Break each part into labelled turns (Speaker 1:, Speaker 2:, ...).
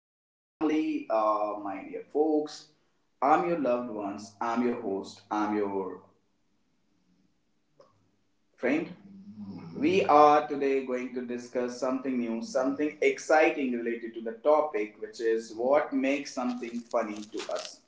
Speaker 1: my family. My dear folks. I'm your loved ones. I'm your host. I'm your friend. We are today going to discuss something new, something exciting related to the topic, which is what makes something funny to us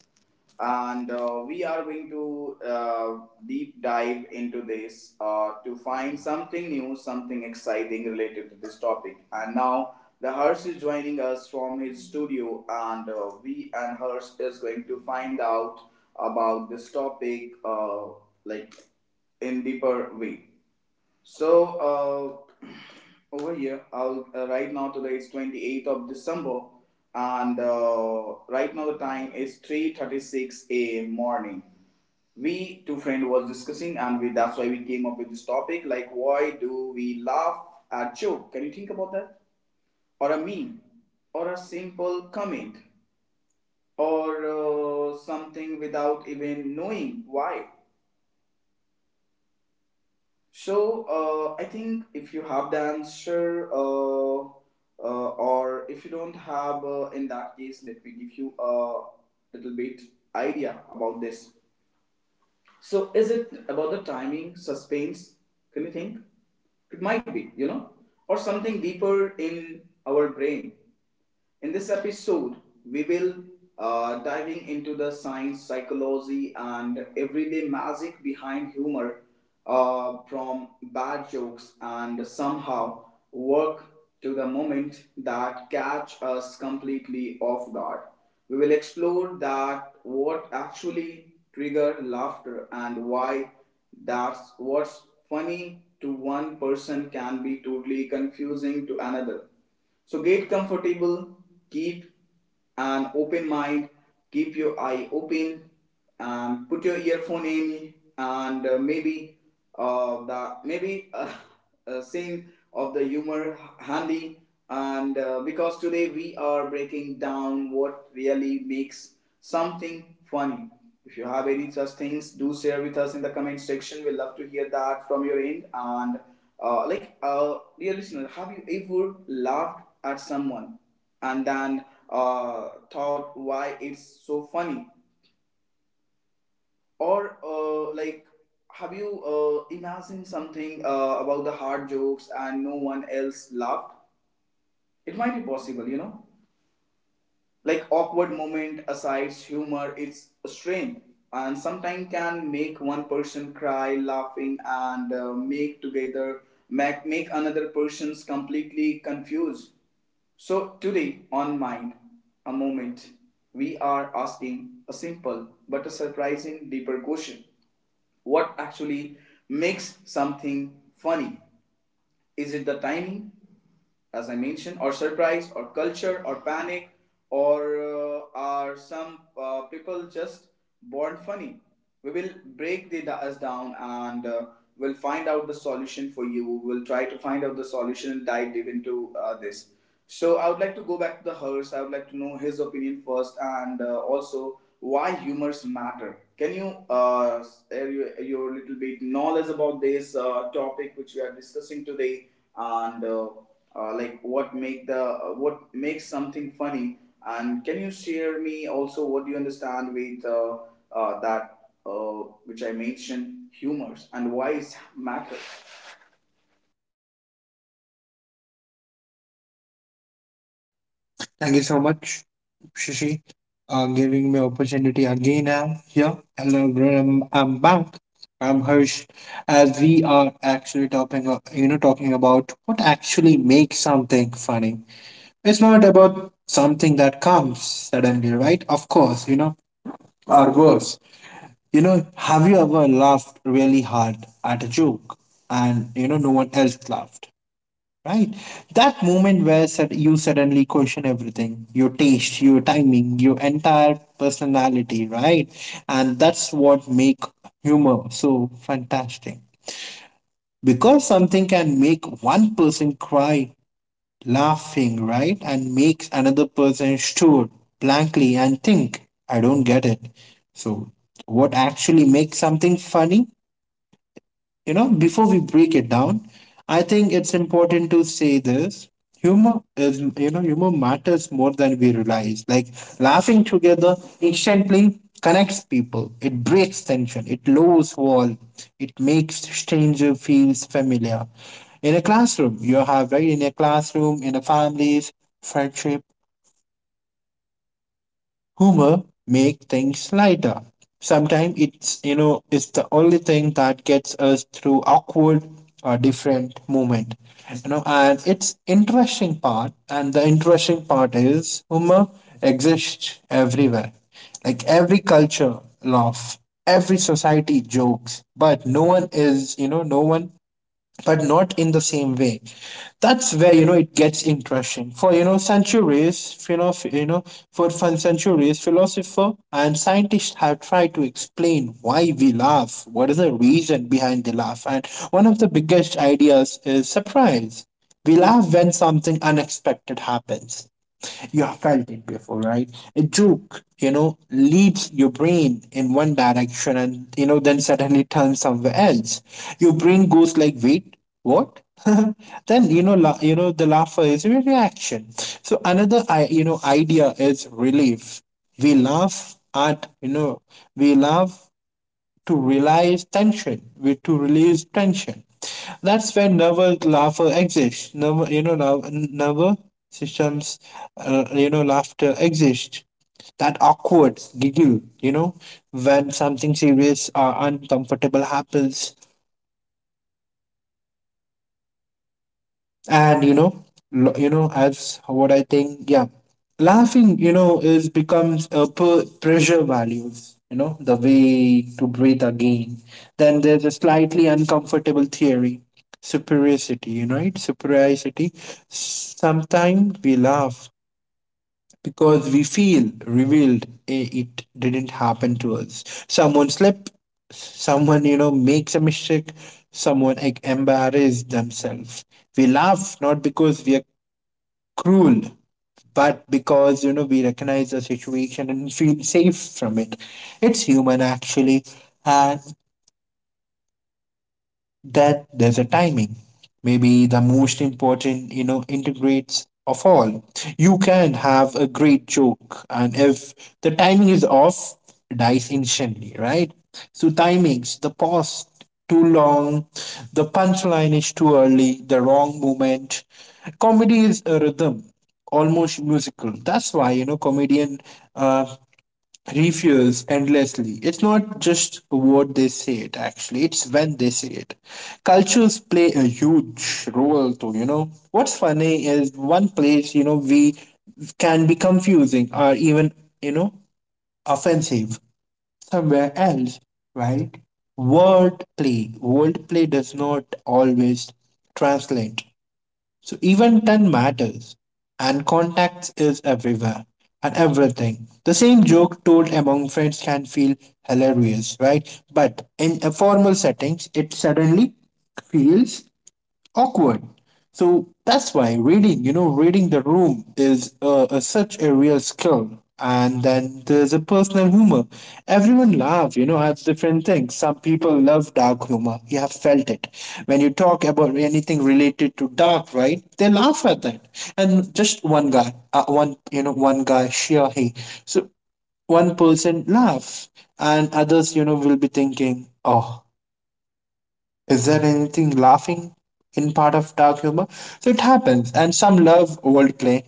Speaker 1: and we are going to deep dive into this to find something new, something exciting related to this topic. And now the Harsh is joining us from his studio, and we and Harsh is going to find out about this topic like in deeper way. So over here, I'll right now today is 28th of December, and right now the time is 3:36 a.m. morning. We two friend was discussing, and we that's why we came up with this topic. Like, why do we laugh at joke? Can you think about that? Or a meme, or a simple comment, or something without even knowing why. So I think if you have the answer, or if you don't have, in that case, let me give you a little bit idea about this. So is it about the timing, suspense? Can you think? It might be, you know, or something deeper in our brain. In this episode, we will diving into the science, psychology, and everyday magic behind humor, from bad jokes and somehow work to the moment that catch us completely off guard. We will explore that what actually trigger laughter and why that's what's funny to one person can be totally confusing to another. So get comfortable, keep an open mind, keep your eye open, and put your earphone in, and maybe the maybe a scene of the humor handy. And because today we are breaking down what really makes something funny. If you have any such things, do share with us in the comment section. We love to hear that from your end. And like, dear listener, have you ever laughed at someone and then thought why it's so funny or like have you imagined something about the hard jokes and no one else laughed? It might be possible, you know. Like awkward moment, asides, humor, it's a strength and sometimes can make one person cry laughing and make together make another person's completely confused. So today on Mind, a moment, we are asking a simple but a surprising deeper question. What actually makes something funny? Is it the timing, as I mentioned, or surprise, or culture, or panic, or are some people just born funny? We will break us down and we'll find out the solution for you. We'll try to find out the solution and dive deep into this. So I would like to go back to the Hers. I would like to know his opinion first, and also why humors matter. Can you share your little bit knowledge about this topic which we are discussing today, and like what make the what makes something funny? And can you share me also what you understand with that which I mentioned humors and why it matters?
Speaker 2: Thank you so much, Shishi, giving me opportunity again. I'm here. Hello, everyone. I'm back. I'm Harsh. As we are actually talking, talking about what actually makes something funny. It's not about something that comes suddenly, right? Of course, you know, or worse. You know, have you ever laughed really hard at a joke and you know no one else laughed? Right. That moment where you suddenly question everything, your taste, your timing, your entire personality, right? And that's what make humor so fantastic. Because something can make one person cry laughing, right? And makes another person stare blankly and think, I don't get it. So, what actually makes something funny, you know, before we break it down, I think it's important to say this. Humor is, you know, Humor matters more than we realize. Like laughing together instantly connects people. It breaks tension. It lowers wall. It makes stranger feels familiar. In a classroom, you have right in a classroom, in a families, friendship, humor make things lighter. Sometimes it's you know it's the only thing that gets us through awkward or different moment. You know, and it's interesting part, and the interesting part is humor exists everywhere. Like every culture laugh, every society jokes, but no one is you know no one but not in the same way. That's where you know it gets interesting. For you know centuries, you know, for fun centuries, philosophers and scientists have tried to explain why we laugh, what is the reason behind the laugh, and one of the biggest ideas is surprise. We laugh when something unexpected happens. You have felt it before, right? A joke, you know, leads your brain in one direction and, you know, then suddenly turns somewhere else. Your brain goes like, wait, what? Then you know the laughter is a reaction. So another I you know idea is relief. We laugh at you know we laugh to release tension. That's where nervous laughter exists. Nerve, you know, nerve, Nervous systems, you know, laughter exists. That awkward giggle, you know, when something serious or uncomfortable happens, and you know lo- you know as what I think yeah, laughing you know is becomes a per- pressure values, you know, the way to breathe again. Then there's a slightly uncomfortable theory: superiority, you know, right, superiority. Sometimes we laugh because we feel revealed. It didn't happen to us. Someone slip, someone, you know, makes a mistake, someone like, embarrassed themselves. We laugh not because we are cruel, but because, you know, we recognize the situation and feel safe from it. It's human actually. And that there's a timing, maybe the most important, you know, integrates of all. You can have a great joke and if the timing is off it dies instantly, right? So timings the pause too long, the punchline is too early, the wrong moment. Comedy is a rhythm, almost musical. That's why, you know, comedian, uh, refuse endlessly. It's not just what they say, it actually, it's when they say it. Cultures play a huge role too, you know. What's funny is one place, you know, we can be confusing or even, you know, offensive somewhere else, right? Word play. Word play does not always translate, so even tone matters, and context is everywhere and everything. The same joke told among friends can feel hilarious, right? But in a formal settings, it suddenly feels awkward. So that's why reading the room is such a real skill. And then there's a personal humor. Everyone laughs, you know, at different things. Some people love dark humor. You have felt it. When you talk about anything related to dark, right? They laugh at that. And just one guy, one guy, she or he. So one person laughs and others, you know, will be thinking, oh, is there anything laughing in part of dark humor? So it happens, and some love wordplay,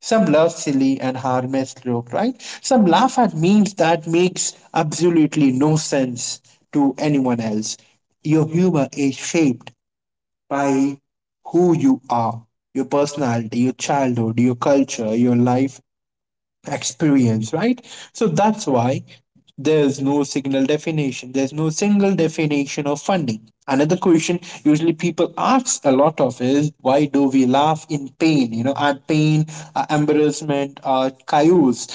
Speaker 2: some love silly and harmless joke, right? Some laugh at memes that makes absolutely no sense to anyone else. Your humor is shaped by who you are, your personality, your childhood, your culture, your life experience, right? So that's why there's no single definition. There's no single definition of funding. Another question usually people ask a lot of is why do we laugh in pain? You know, at pain, embarrassment, chaos.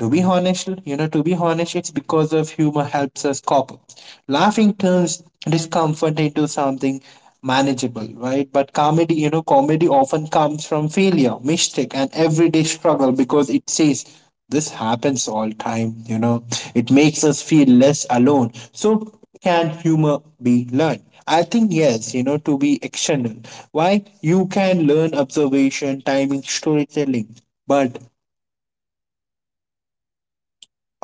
Speaker 2: To be honest, it's because of humor helps us cope. Laughing turns discomfort into something manageable, right? But comedy often comes from failure, mistake, and everyday struggle because it says this happens all time, you know. It makes us feel less alone. So can humor be learned? I think yes, you know, to be external. Why? You can learn observation, timing, storytelling. But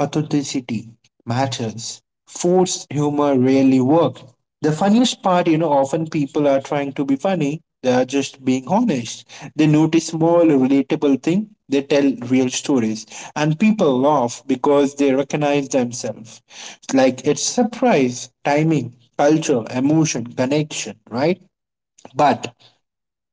Speaker 2: authenticity matters. Forced humor rarely works. The funniest part, you know, often people are trying to be funny. They are just being honest. They notice small relatable thing. They tell real stories, and people laugh because they recognize themselves. Like it's surprise, timing, culture, emotion, connection, right? But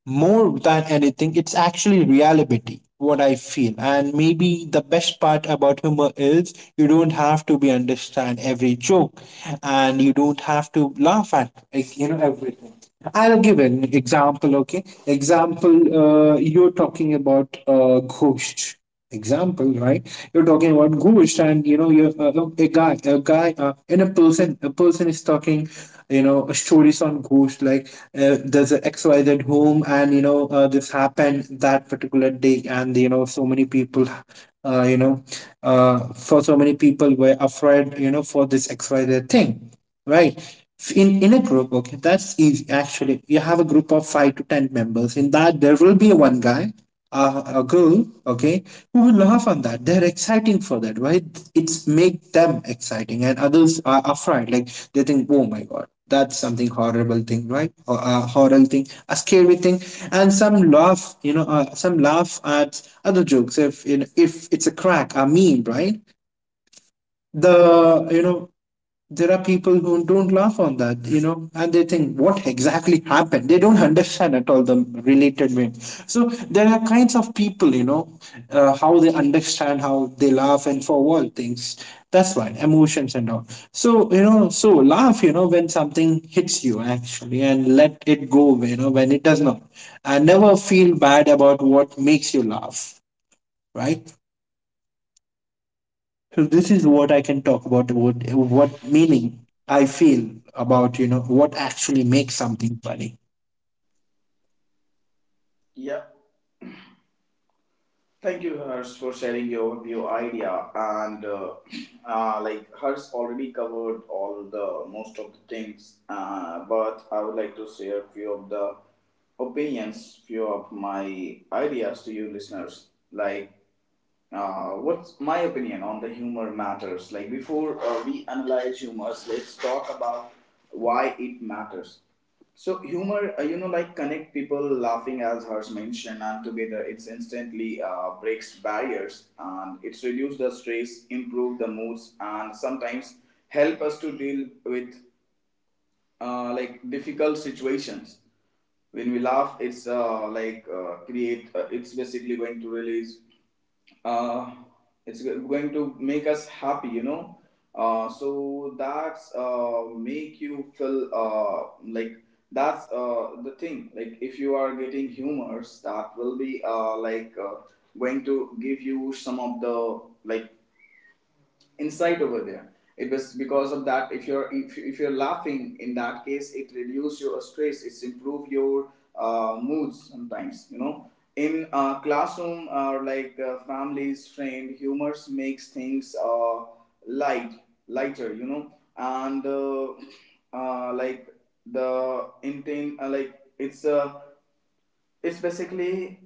Speaker 2: more than anything, it's actually reality, what I feel. And maybe the best part about humor is you don't have to be understand every joke and you don't have to laugh at like, you know, everything. I'll give an example, okay? Example, you're talking about ghost example, right? You're talking about ghost and you know you're a guy, and a person is talking, you know, stories on ghost. Like there's an XYZ home and you know this happened that particular day and you know so many people, uh, you know for so many people were afraid, you know, for this XYZ thing, right? In a group, okay, that's easy actually. You have a group of 5 to 10 members. In that, there will be one guy, a girl, okay, who will laugh on that, they're exciting for that, right? It's make them exciting and others are afraid, like they think, oh my god, that's something horrible thing, right? Or a horrible thing, a scary thing. And some laugh, you know, some laugh at other jokes, if you know, if it's a crack, a meme, right? the you know there are people who don't laugh on that, you know, and they think what exactly happened, they don't understand at all the related way. So there are kinds of people, you know, how they understand, how they laugh, and for all things. That's why emotions and all. So, you know, so laugh, you know, when something hits you actually, and let it go, you know, when it does not. And never feel bad about what makes you laugh, right? So this is what I can talk about, what meaning I feel about, you know, what actually makes something funny.
Speaker 1: Yeah. Thank you, Hers, for sharing your view idea. And like Hers already covered all the most of the things, but I would like to share few of the opinions, few of my ideas to you listeners. Like what's my opinion on the humor matters? Like before we analyze humors, let's talk about why it matters. So humor, you know, like connect people laughing as hers mentioned, and together it's instantly breaks barriers and it's reduce the stress, improve the moods, and sometimes help us to deal with like difficult situations when we laugh it's like create it's basically going to release uh, going to make us happy, you know. So that's make you feel like that's the thing like if you are getting humors that will be like going to give you some of the like insight over there. It was because of that if you're laughing in that case it reduces your stress, it's improve your moods sometimes, you know. In classroom or like families friend humors makes things light lighter, you know. And like the intent like it's a it's basically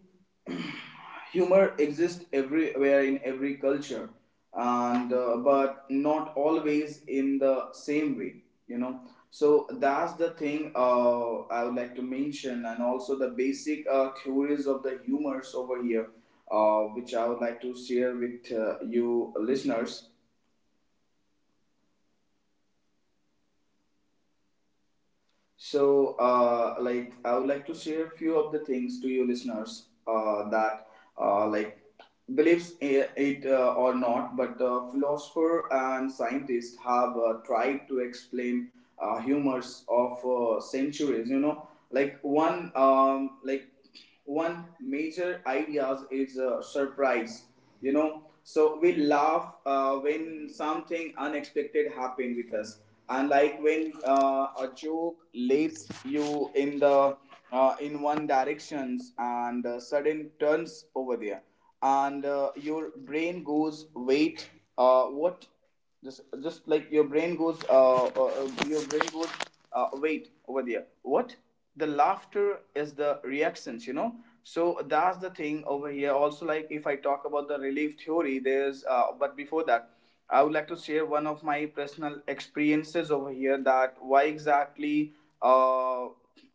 Speaker 1: humor exists everywhere in every culture and but not always in the same way, you know. So that's the thing I would like to mention and also the basic theories of the humors over here which I would like to share with you listeners. So, like, I would like to share a few of the things to you listeners that, like, believes it or not, but philosopher and scientists have tried to explain humors of centuries. You know, like one major ideas is surprise, you know. So we laugh when something unexpected happened with us, and like when a joke leads you in the in one directions and sudden turns over there and your brain goes wait what. Just like your brain goes wait over there what, the laughter is the reactions, you know. So that's the thing over here also like if I talk about the relief theory there's but before that I would like to share one of my personal experiences over here that why exactly uh,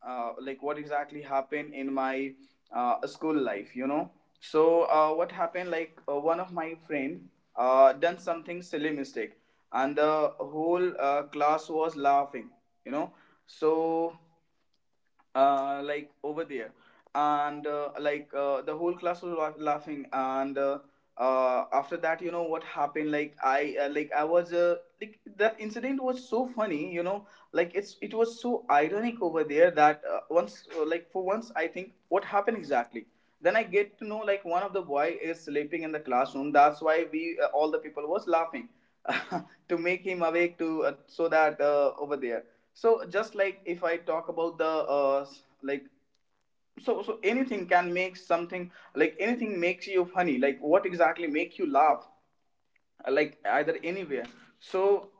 Speaker 1: like what exactly happened in my school life, you know. So what happened? Like one of my friend done something silly mistake, and the whole class was laughing. You know. So like over there, and like the whole class was laughing. And after that, you know what happened? Like I was like that incident was so funny. You know, like it was so ironic over there that once like for once I think what happened exactly. Then I get to know like one of the boy is sleeping in the classroom. That's why we all the people was laughing to make him awake to so that over there. So just like if I talk about the uh, like so, so anything can make something like anything makes you funny like what exactly make you laugh, like either anywhere, so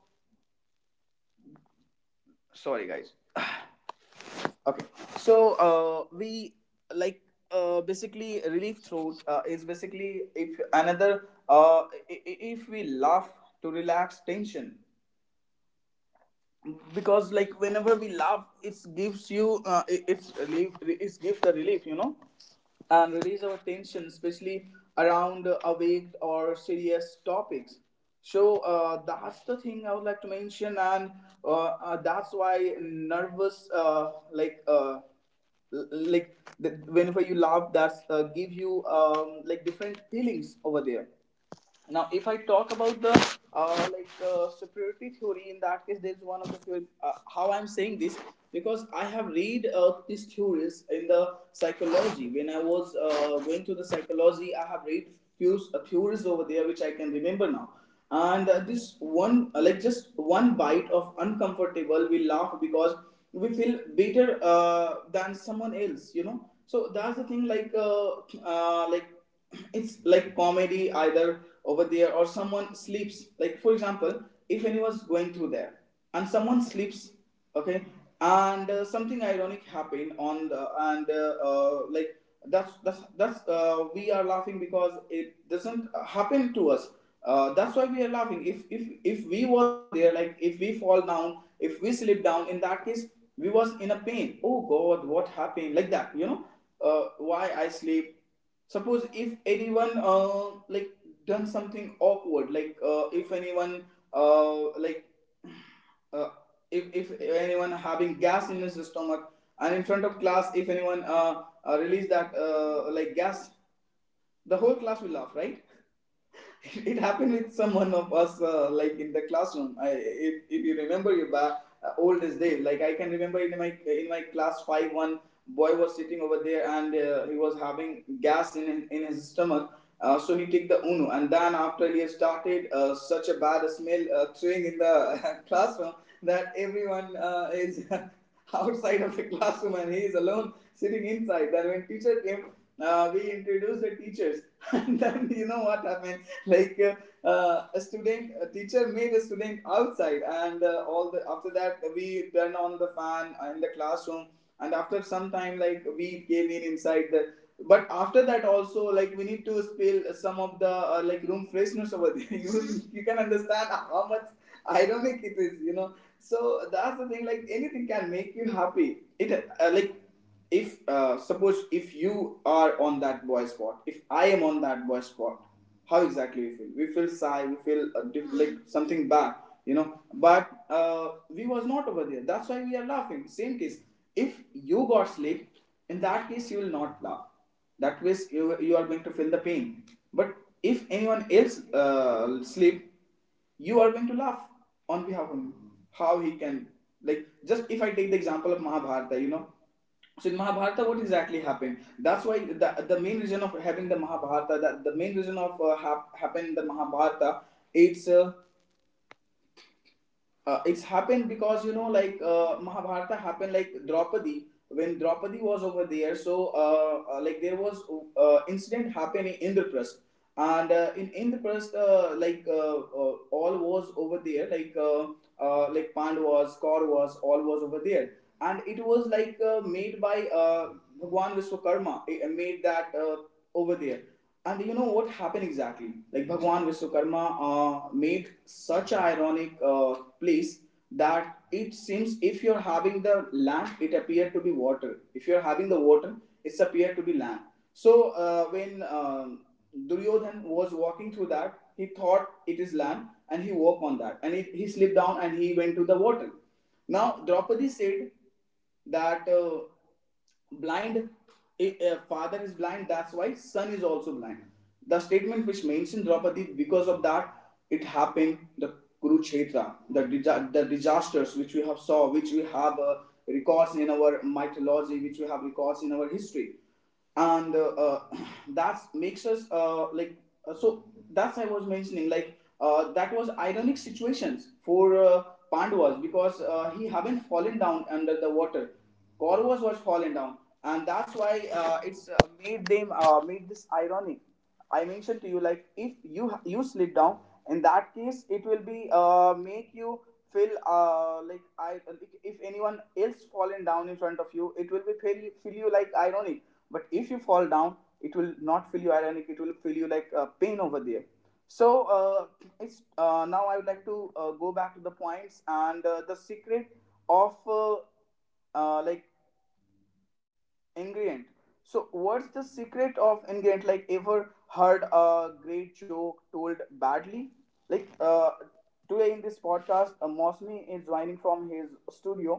Speaker 1: sorry guys. Okay, so we like basically relief throat is basically if another uh, if we laugh to relax tension, because like whenever we laugh it gives you it's relief, it gives the relief, you know, and release our tension especially around awake or serious topics. So that's the thing I would like to mention, and that's why nervous like like the, whenever you laugh that's give you like different feelings over there. Now if I talk about the like superiority theory, in that case there's one of the theory how I'm saying this because I have read these theories in the psychology when I was going to the psychology I have read few theories over there which I can remember now. And this one like just one bite of uncomfortable we laugh because we feel better than someone else, you know. So that's the thing like it's like comedy either over there or someone sleeps, like for example if anyone's going through there and someone sleeps, okay, and something ironic happened on the and like that's we are laughing because it doesn't happen to us. That's why we are laughing. If we was over there, like if we fall down if we slip down, in that case we was in a pain, oh god what happened like that, you know. Why I sleep. Suppose if anyone like done something awkward, like if anyone like uh, if, if anyone having gas in his stomach and in front of class if anyone release that like gas, the whole class will laugh, right? It happened with someone of us like in the classroom. I, if you remember your oldest day, like I can remember in my class 5 one boy was sitting over there and he was having gas in his stomach. So he took the uno and then after he started such a bad smell throwing In the classroom, that everyone is outside of the classroom and he is alone sitting inside. Then when teacher came, we introduced the teachers. And then you know what happened? like a student a teacher made a student outside, and all the after that we turned on the fan in the classroom. And after some time, like, we came in inside the. But after that also, like, we need to spill some of the like room freshness over there. You can understand how much ironic it is, you know. So that's the thing, like anything can make you happy. It Like, if suppose if you are on that boy spot, if I am on that boy spot, how exactly we feel? We feel sigh, we feel like something bad, you know. But we was not over there, that's why we are laughing. Same case, if you got sleep, in that case you will not laugh. That way, you are going to feel the pain. But if anyone else sleep, you are going to laugh on behalf of him. How he can. Like, just if I take the example of Mahabharata, you know. So in Mahabharata, what exactly happened? That's why the main reason of having the Mahabharata, the main reason of happened the Mahabharata, it's uh, it's happened because, you know, like, Mahabharata happened like Draupadi. When Draupadi was over there, so like there was incident happening in Indraprastha. And in Indraprastha, all was over there, like, like Pandavas, Kauravas, all was over there. And it was like made by uh, Bhagwan Vishwakarma. Made that over there. And you know what happened exactly? Like Bhagwan Vishwakarma made such ironic place, that it seems if you're having the land, it appeared to be water; if you're having the water, it's appeared to be land. So when Duryodhan was walking through that, he thought it is land, and he worked on that, and he slipped down and he went to the water. Now Draupadi said that blind, father is blind, that's why son is also blind. The statement which mentioned Draupadi, because of that, it happened the Kurukshetra, the, the disasters which we have saw, which we have records in our mythology, which we have records in our history. And that makes us like. So that's I was mentioning, like, that was ironic situations for Pandavas, because he haven't fallen down under the water. Kauravas was fallen down, and that's why it's made them, made this ironic. I mentioned to you, like, if you slip down, in that case it will be make you feel like I. If anyone else fallen down in front of you, it will be feel you like ironic. But if you fall down, it will not feel you ironic, it will feel you like pain over there. So it's Now I would like to go back to the points and the secret of like ingredient. So what's the secret of ingredient? Like, ever heard a great joke told badly? like uh, Today in this podcast, Mosmi is joining from his studio.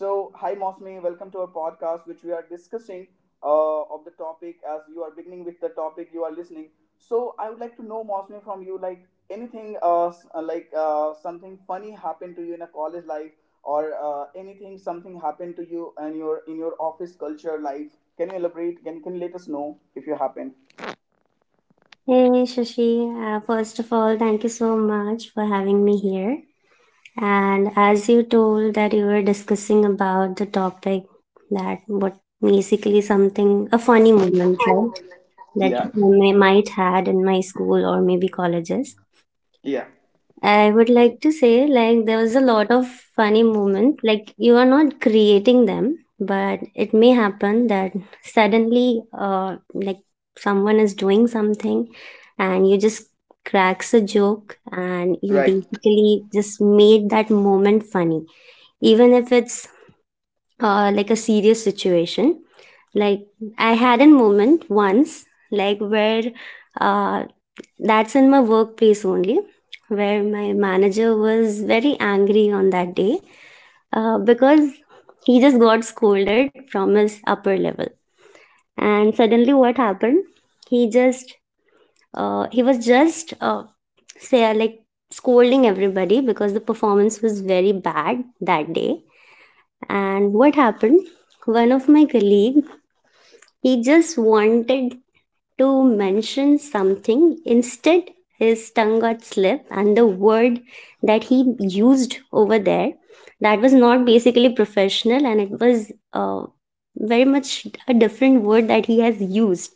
Speaker 1: So hi Mosmi, welcome to our podcast, which we are discussing of the topic, as you are beginning with the topic you are listening. So I would like to know, Mosmi, from you, like anything, like something funny happened to you in a college life, or anything, something happened to you and your in your office culture life. Can you elaborate? Can you let us know if you happen?
Speaker 3: Hey Shashi, first of all, thank you so much for having me here. And as you told that you were discussing about the topic that what basically something a funny moment, right? That
Speaker 1: Yeah.
Speaker 3: I may, might had in my school or maybe colleges.
Speaker 1: Yeah.
Speaker 3: I would like to say like there was a lot of funny moments. Like you are not creating them, but it may happen that suddenly like someone is doing something and you just cracks a joke and you
Speaker 1: Right.
Speaker 3: basically just made that moment funny. Even if it's like a serious situation. Like I had a moment once like where uh that's in my workplace only, where my manager was very angry on that day because he just got scolded from his upper level. And suddenly, what happened? He just he was just say like scolding everybody because the performance was very bad that day. And what happened? One of my colleague he just wanted to mention something. Instead, his tongue got slipped, and the word that he used over there that was not basically professional, and it was very much a different word that he has used.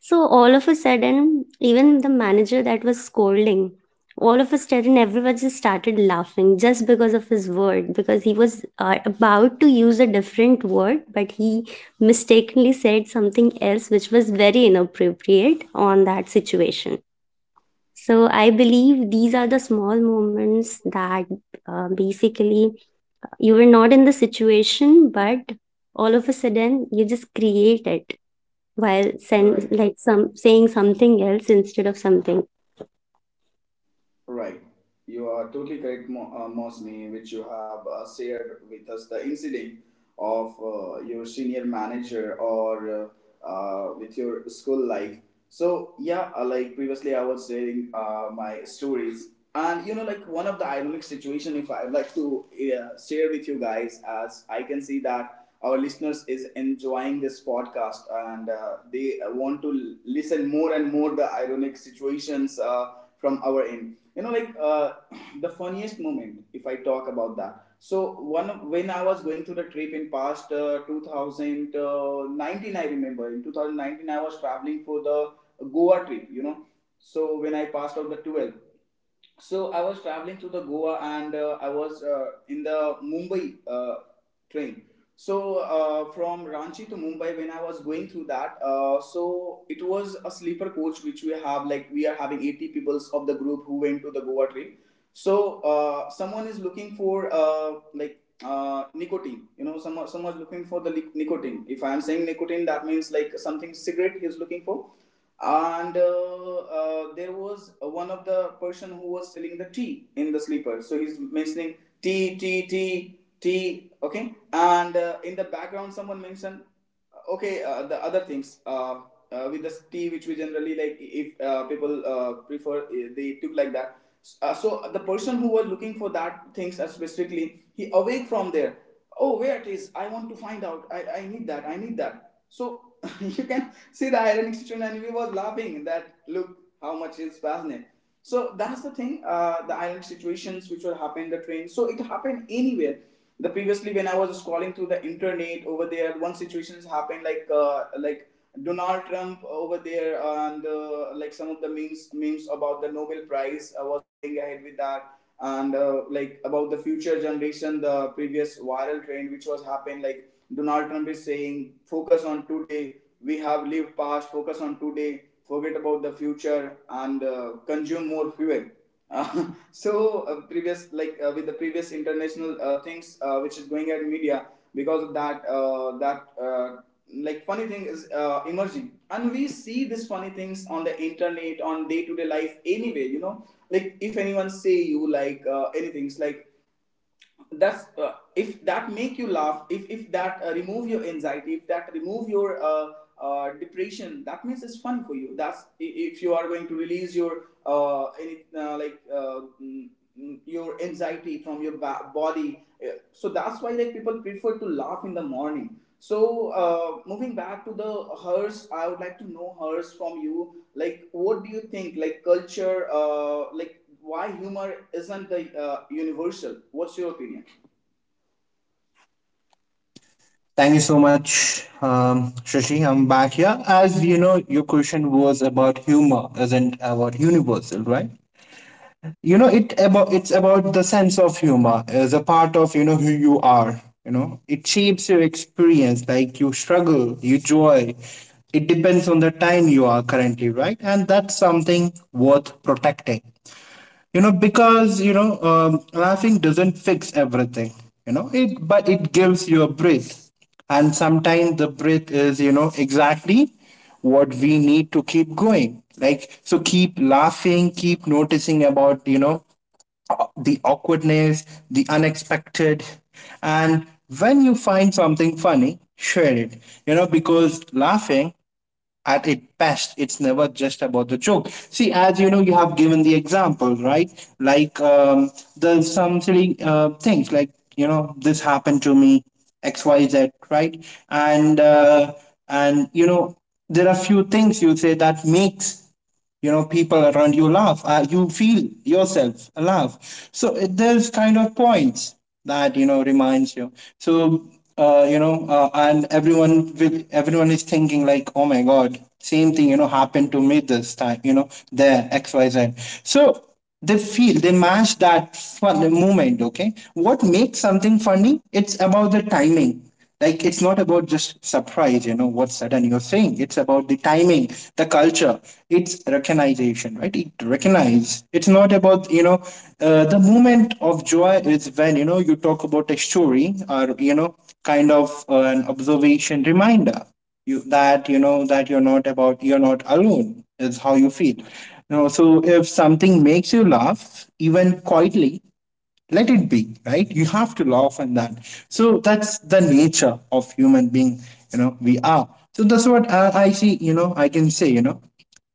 Speaker 3: So all of a sudden, even the manager that was scolding, all of a sudden everyone just started laughing just because of his word because he was about to use a different word but he mistakenly said something else which was very inappropriate on that situation. So I believe these are the small moments that basically you were not in the situation but all of a sudden you just create it while
Speaker 1: All right.
Speaker 3: like some saying something else instead of something.
Speaker 1: Right. You are totally correct, Mosni, which you have shared with us the incident of your senior manager or with your school life. So yeah, like previously I was sharing my stories. And you know, like one of the ironic situation, if I would like to share with you guys, as I can see that our listeners is enjoying this podcast, and they want to listen more and more the ironic situations from our end. You know, the funniest moment, if I talk about that, so when I was going through the trip in past, 2019, I remember, in 2019 I was traveling for the Goa trip, you know. So when I passed out the twelfth. So I was traveling to the Goa, and I was in the Mumbai train. So from Ranchi to Mumbai, when I was going through that, so it was a sleeper coach which we have. Like, we are having 80 peoples of the group who went to the Goa train. So someone is looking for like nicotine. You know, someone's looking for the nicotine. If I am saying nicotine, that means like something cigarette he is looking for. And there was one of the person who was selling the tea in the sleeper, so he's mentioning tea, tea, tea, tea. Okay, and in the background, someone mentioned okay, the other things, with the tea, which we generally like, if people prefer, they took like that. So the person who was looking for that things, specifically, he awake from there. Oh, where it is? I want to find out. I need that, I need that. So you can. See, the ironic situation, and we was laughing that look how much is passionate. So that's the thing. The ironic situations which will happen in the train. So it happened anywhere. The previously, when I was scrolling through the internet over there, one situation has happened, like, like Donald Trump over there, and like some of the memes about the Nobel Prize was going ahead with that. And like about the future generation, the previous viral trend which was happened, like Donald Trump is saying focus on today, we have lived past, focus on today, forget about the future, and consume more fuel. So previous, with the previous international things which is going at media, because of that, like funny thing is emerging, and we see these funny things on the internet, on day to day life anyway. You know, like if anyone say you like anything, it's like that's if that make you laugh, if that remove your anxiety, if that remove your depression, that means it's fun for you. That's if you are going to release your any, like mm, mm, your anxiety from your body. Yeah, so that's why, like, people prefer to laugh in the morning. So moving back to the Hers, I would like to know Hers from you. Like, what do you think, like, culture, like, why humor isn't the universal? What's your opinion?
Speaker 2: Thank you so much, Shashi. I'm back here. As you know, your question was about humor, isn't about universal, right? You know, it about it's about the sense of humor as a part of, you know, who you are. You know, it shapes your experience. Like you struggle, you joy. It depends on the time you are currently, right? And that's something worth protecting, you know, because you know laughing doesn't fix everything, you know, it but it gives you a breath. And sometimes the breath is, you know, exactly what we need to keep going. Like so keep laughing, keep noticing about, you know, the awkwardness, the unexpected. And when you find something funny, share it. You know, because laughing at its best, it's never just about the joke. See, as you know, you have given the example, right? Like, there's some silly things, like, you know, this happened to me, XYZ, right? And, uh, and, you know, there are few things you say that makes, you know, people around you laugh, you feel yourself laugh, so it, there's kind of points that you know reminds you. So you know, and everyone will everyone is thinking like, oh my god, same thing, you know, happened to me this time, you know, there XYZ. So they feel they match that fun moment. Okay, what makes something funny, it's about the timing. Like it's not about just surprise, you know what sudden you're saying, it's about the timing, the culture. It's recognition, right? It recognize it's not about, you know, the moment of joy is when, you know, you talk about a story, or you know, kind of an observation reminder you that, you know, that you're not about you're not alone is how you feel, you know. So if something makes you laugh, even quietly, let it be, right? You have to laugh. And that, so that's the nature of human being, you know, we are. So that's what I see, you know, I can say, you know,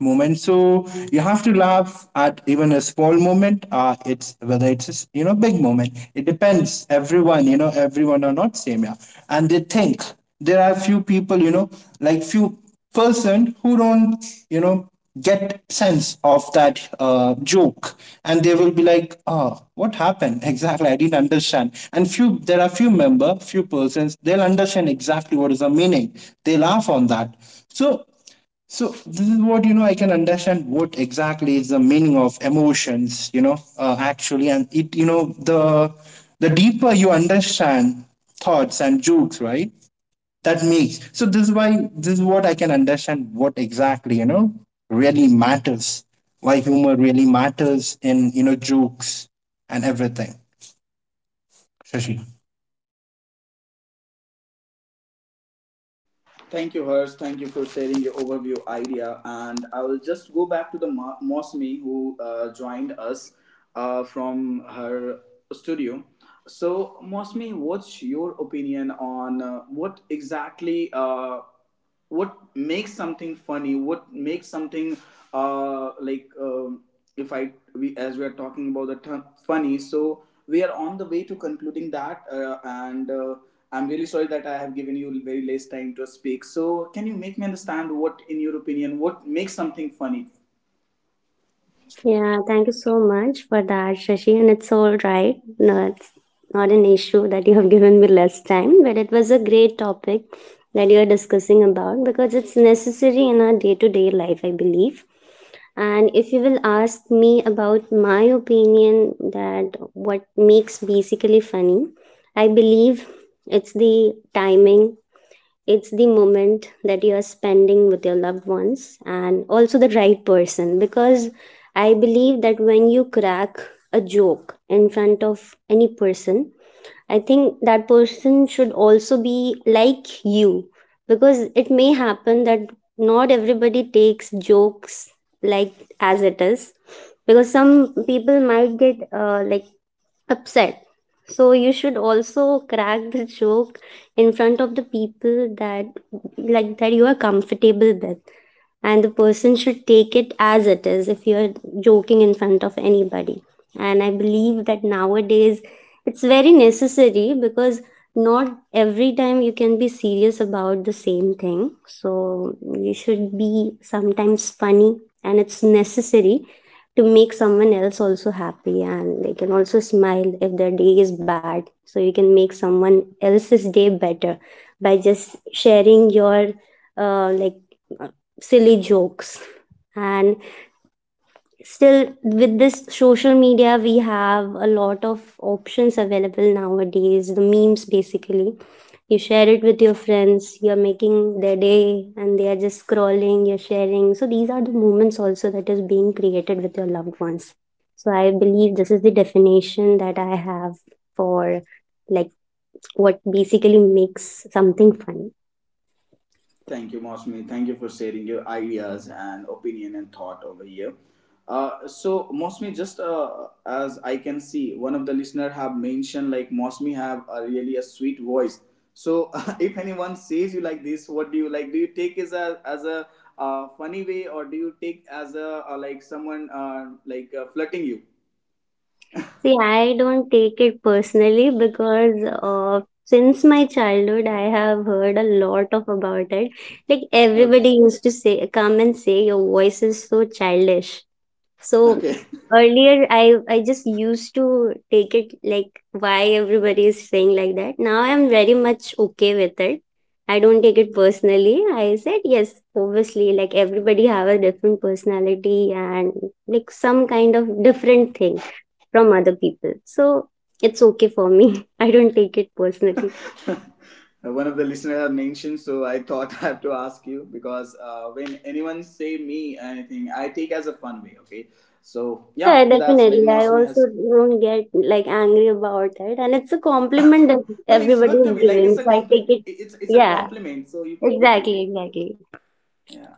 Speaker 2: moment. So you have to laugh at even a small moment, uh, it's whether it's, you know, big moment, it depends, everyone, you know, everyone are not same, yeah. And they think, there are few people, you know, like few person who don't, you know, get sense of that joke. And they will be like, oh, what happened exactly, I didn't understand. And few, there are few member, few persons, they'll understand exactly what is the meaning, they laugh on that. So so this is what you know. I can understand what exactly is the meaning of emotions. You know, actually, and it you know the deeper you understand thoughts and jokes, right? That makes, so this is why, this is what I can understand what exactly, you know, really matters, why humor really matters in, you know, jokes and everything, Shashi.
Speaker 1: Thank you, Hers, thank you for sharing your overview, idea. And I will just go back to the Mosmi, who joined us from her studio. So Mosmi, what's your opinion on, what exactly what makes something funny, what makes something uh like um if I we, as we are talking about the term funny, so we are on the way to concluding that, and I'm really sorry that I have given you very less time to speak. So can you make me understand, what in your opinion, what makes something funny?
Speaker 3: Yeah, thank you so much for that, Shashi. And it's all right. No, it's not an issue that you have given me less time, but it was a great topic that you are discussing about because it's necessary in our day to day life, I believe. And if you will ask me about my opinion that what makes basically funny, I believe it's the timing, it's the moment that you are spending with your loved ones and also the right person, because I believe that when you crack a joke in front of any person, I think that person should also be like you, because it may happen that not everybody takes jokes like as it is, because some people might get like upset. So you should also crack the joke in front of the people that like that you are comfortable with, and the person should take it as it is if you're joking in front of anybody. And I believe that nowadays it's very necessary because not every time you can be serious about the same thing. So you should be sometimes funny and it's necessary to make someone else also happy and they can also smile if their day is bad, so you can make someone else's day better by just sharing your uh, like uh, silly jokes. And still with this social media we have a lot of options available nowadays, the memes basically you share it with your friends, you're making their day and they are just scrolling, you're sharing, so these are the moments also that is being created with your loved ones. So I believe this is the definition that I have for like what basically makes something fun.
Speaker 1: Thank you, Mosmi, thank you for sharing your ideas and opinion and thought over here. So Mosmi, just as I can see, one of the listener have mentioned like Mosmi have a really a sweet voice. So if anyone says you like this, what do you like? Do you take as a, funny way, or do you take as a like someone like flirting you?
Speaker 3: See, I don't take it personally because since my childhood I have heard a lot of about it. Like everybody
Speaker 1: Okay.
Speaker 3: used to say, come and say your voice is so childish. So
Speaker 1: Okay.
Speaker 3: earlier I just used to take it like why everybody is saying like that. Now I'm very much okay with it. I don't take it personally. I said yes, obviously like everybody have a different personality and like some kind of different thing from other people. So it's okay for me. I don't take it personally.
Speaker 1: One of the listeners have mentioned, so I thought I have to ask you because, when anyone say me anything, I take as a fun way. Okay, so yeah,
Speaker 3: Yeah,
Speaker 1: that's like
Speaker 3: definitely. I
Speaker 1: Mosmi
Speaker 3: also
Speaker 1: has.
Speaker 3: don't get like angry about it. And it's a compliment that
Speaker 1: No, it's
Speaker 3: everybody
Speaker 1: good to
Speaker 3: is
Speaker 1: be like, it's
Speaker 3: giving. So I take it.
Speaker 1: it's a
Speaker 3: Yeah,
Speaker 1: compliment, so you good to be.
Speaker 3: exactly, exactly.
Speaker 1: Yeah.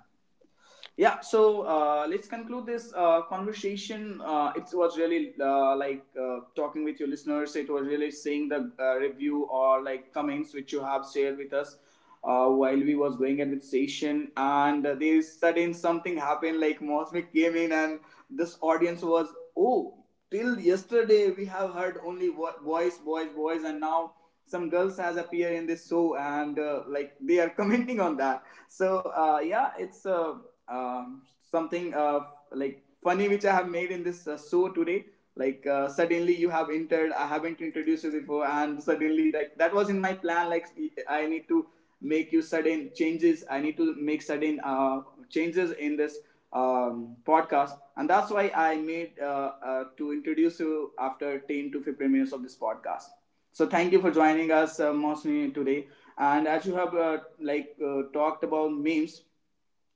Speaker 1: Yeah, so let's conclude this conversation. It was really talking with your listeners. It was really seeing the review or like comments which you have shared with us while we was going at the station. And there is sudden something happened, like Mosmic came in, and this audience was, oh, till yesterday we have heard only boys, boys, boys, and now some girls has appeared in this show. And like, they are commenting on that. So yeah, it's um, something like funny which I have made in this show today. Like, suddenly you have entered, I haven't introduced you before, and suddenly, like, that was in my plan. Like, I need to make you sudden changes, I need to make sudden changes in this podcast, and that's why I made to introduce you after 10 to 15 minutes of this podcast. So thank you for joining us, Mosmi, today. And as you have talked about memes,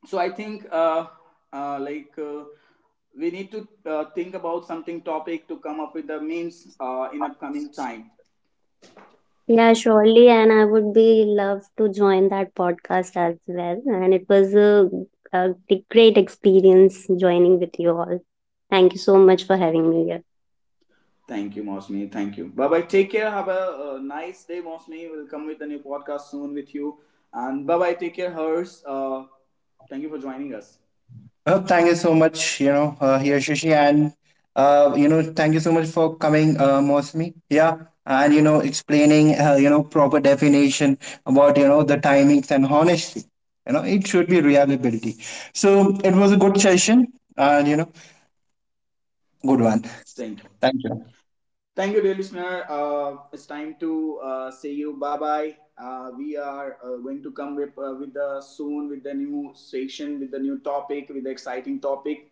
Speaker 1: so I think uh, like uh, we need to think about something topic to come up with the memes in upcoming time.
Speaker 3: Yeah, surely, and I would be love to join that podcast as well. And it was a great experience joining with you all. Thank you so much for having me here.
Speaker 1: Thank you, Mosmi, thank you, bye bye, take care, have a nice day, Mosmi, we'll come with a new podcast soon with you. And bye bye, take care, Hers, thank you for joining us.
Speaker 2: Oh, thank you so much, you know, here Shashi, and, you know, thank you so much for coming, Mosmi, yeah, and you know explaining, you know, proper definition about, you know, the timings and honesty, you know, it should be reliability. So it was a good session, and, you know, good one.
Speaker 1: Thank you.
Speaker 2: Thank you.
Speaker 1: Thank you, dear listener. It's time to say you bye bye. We are going to come with the soon with the new station, with the new topic, with the exciting topic.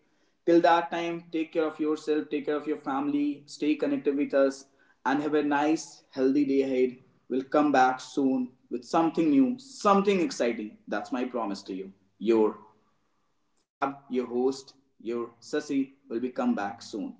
Speaker 1: Till that time, take care of yourself, take care of your family, stay connected with us, and have a nice, healthy day ahead. We'll come back soon with something new, something exciting. That's my promise to you. Your Fab, your host, your Sasi will be come back soon.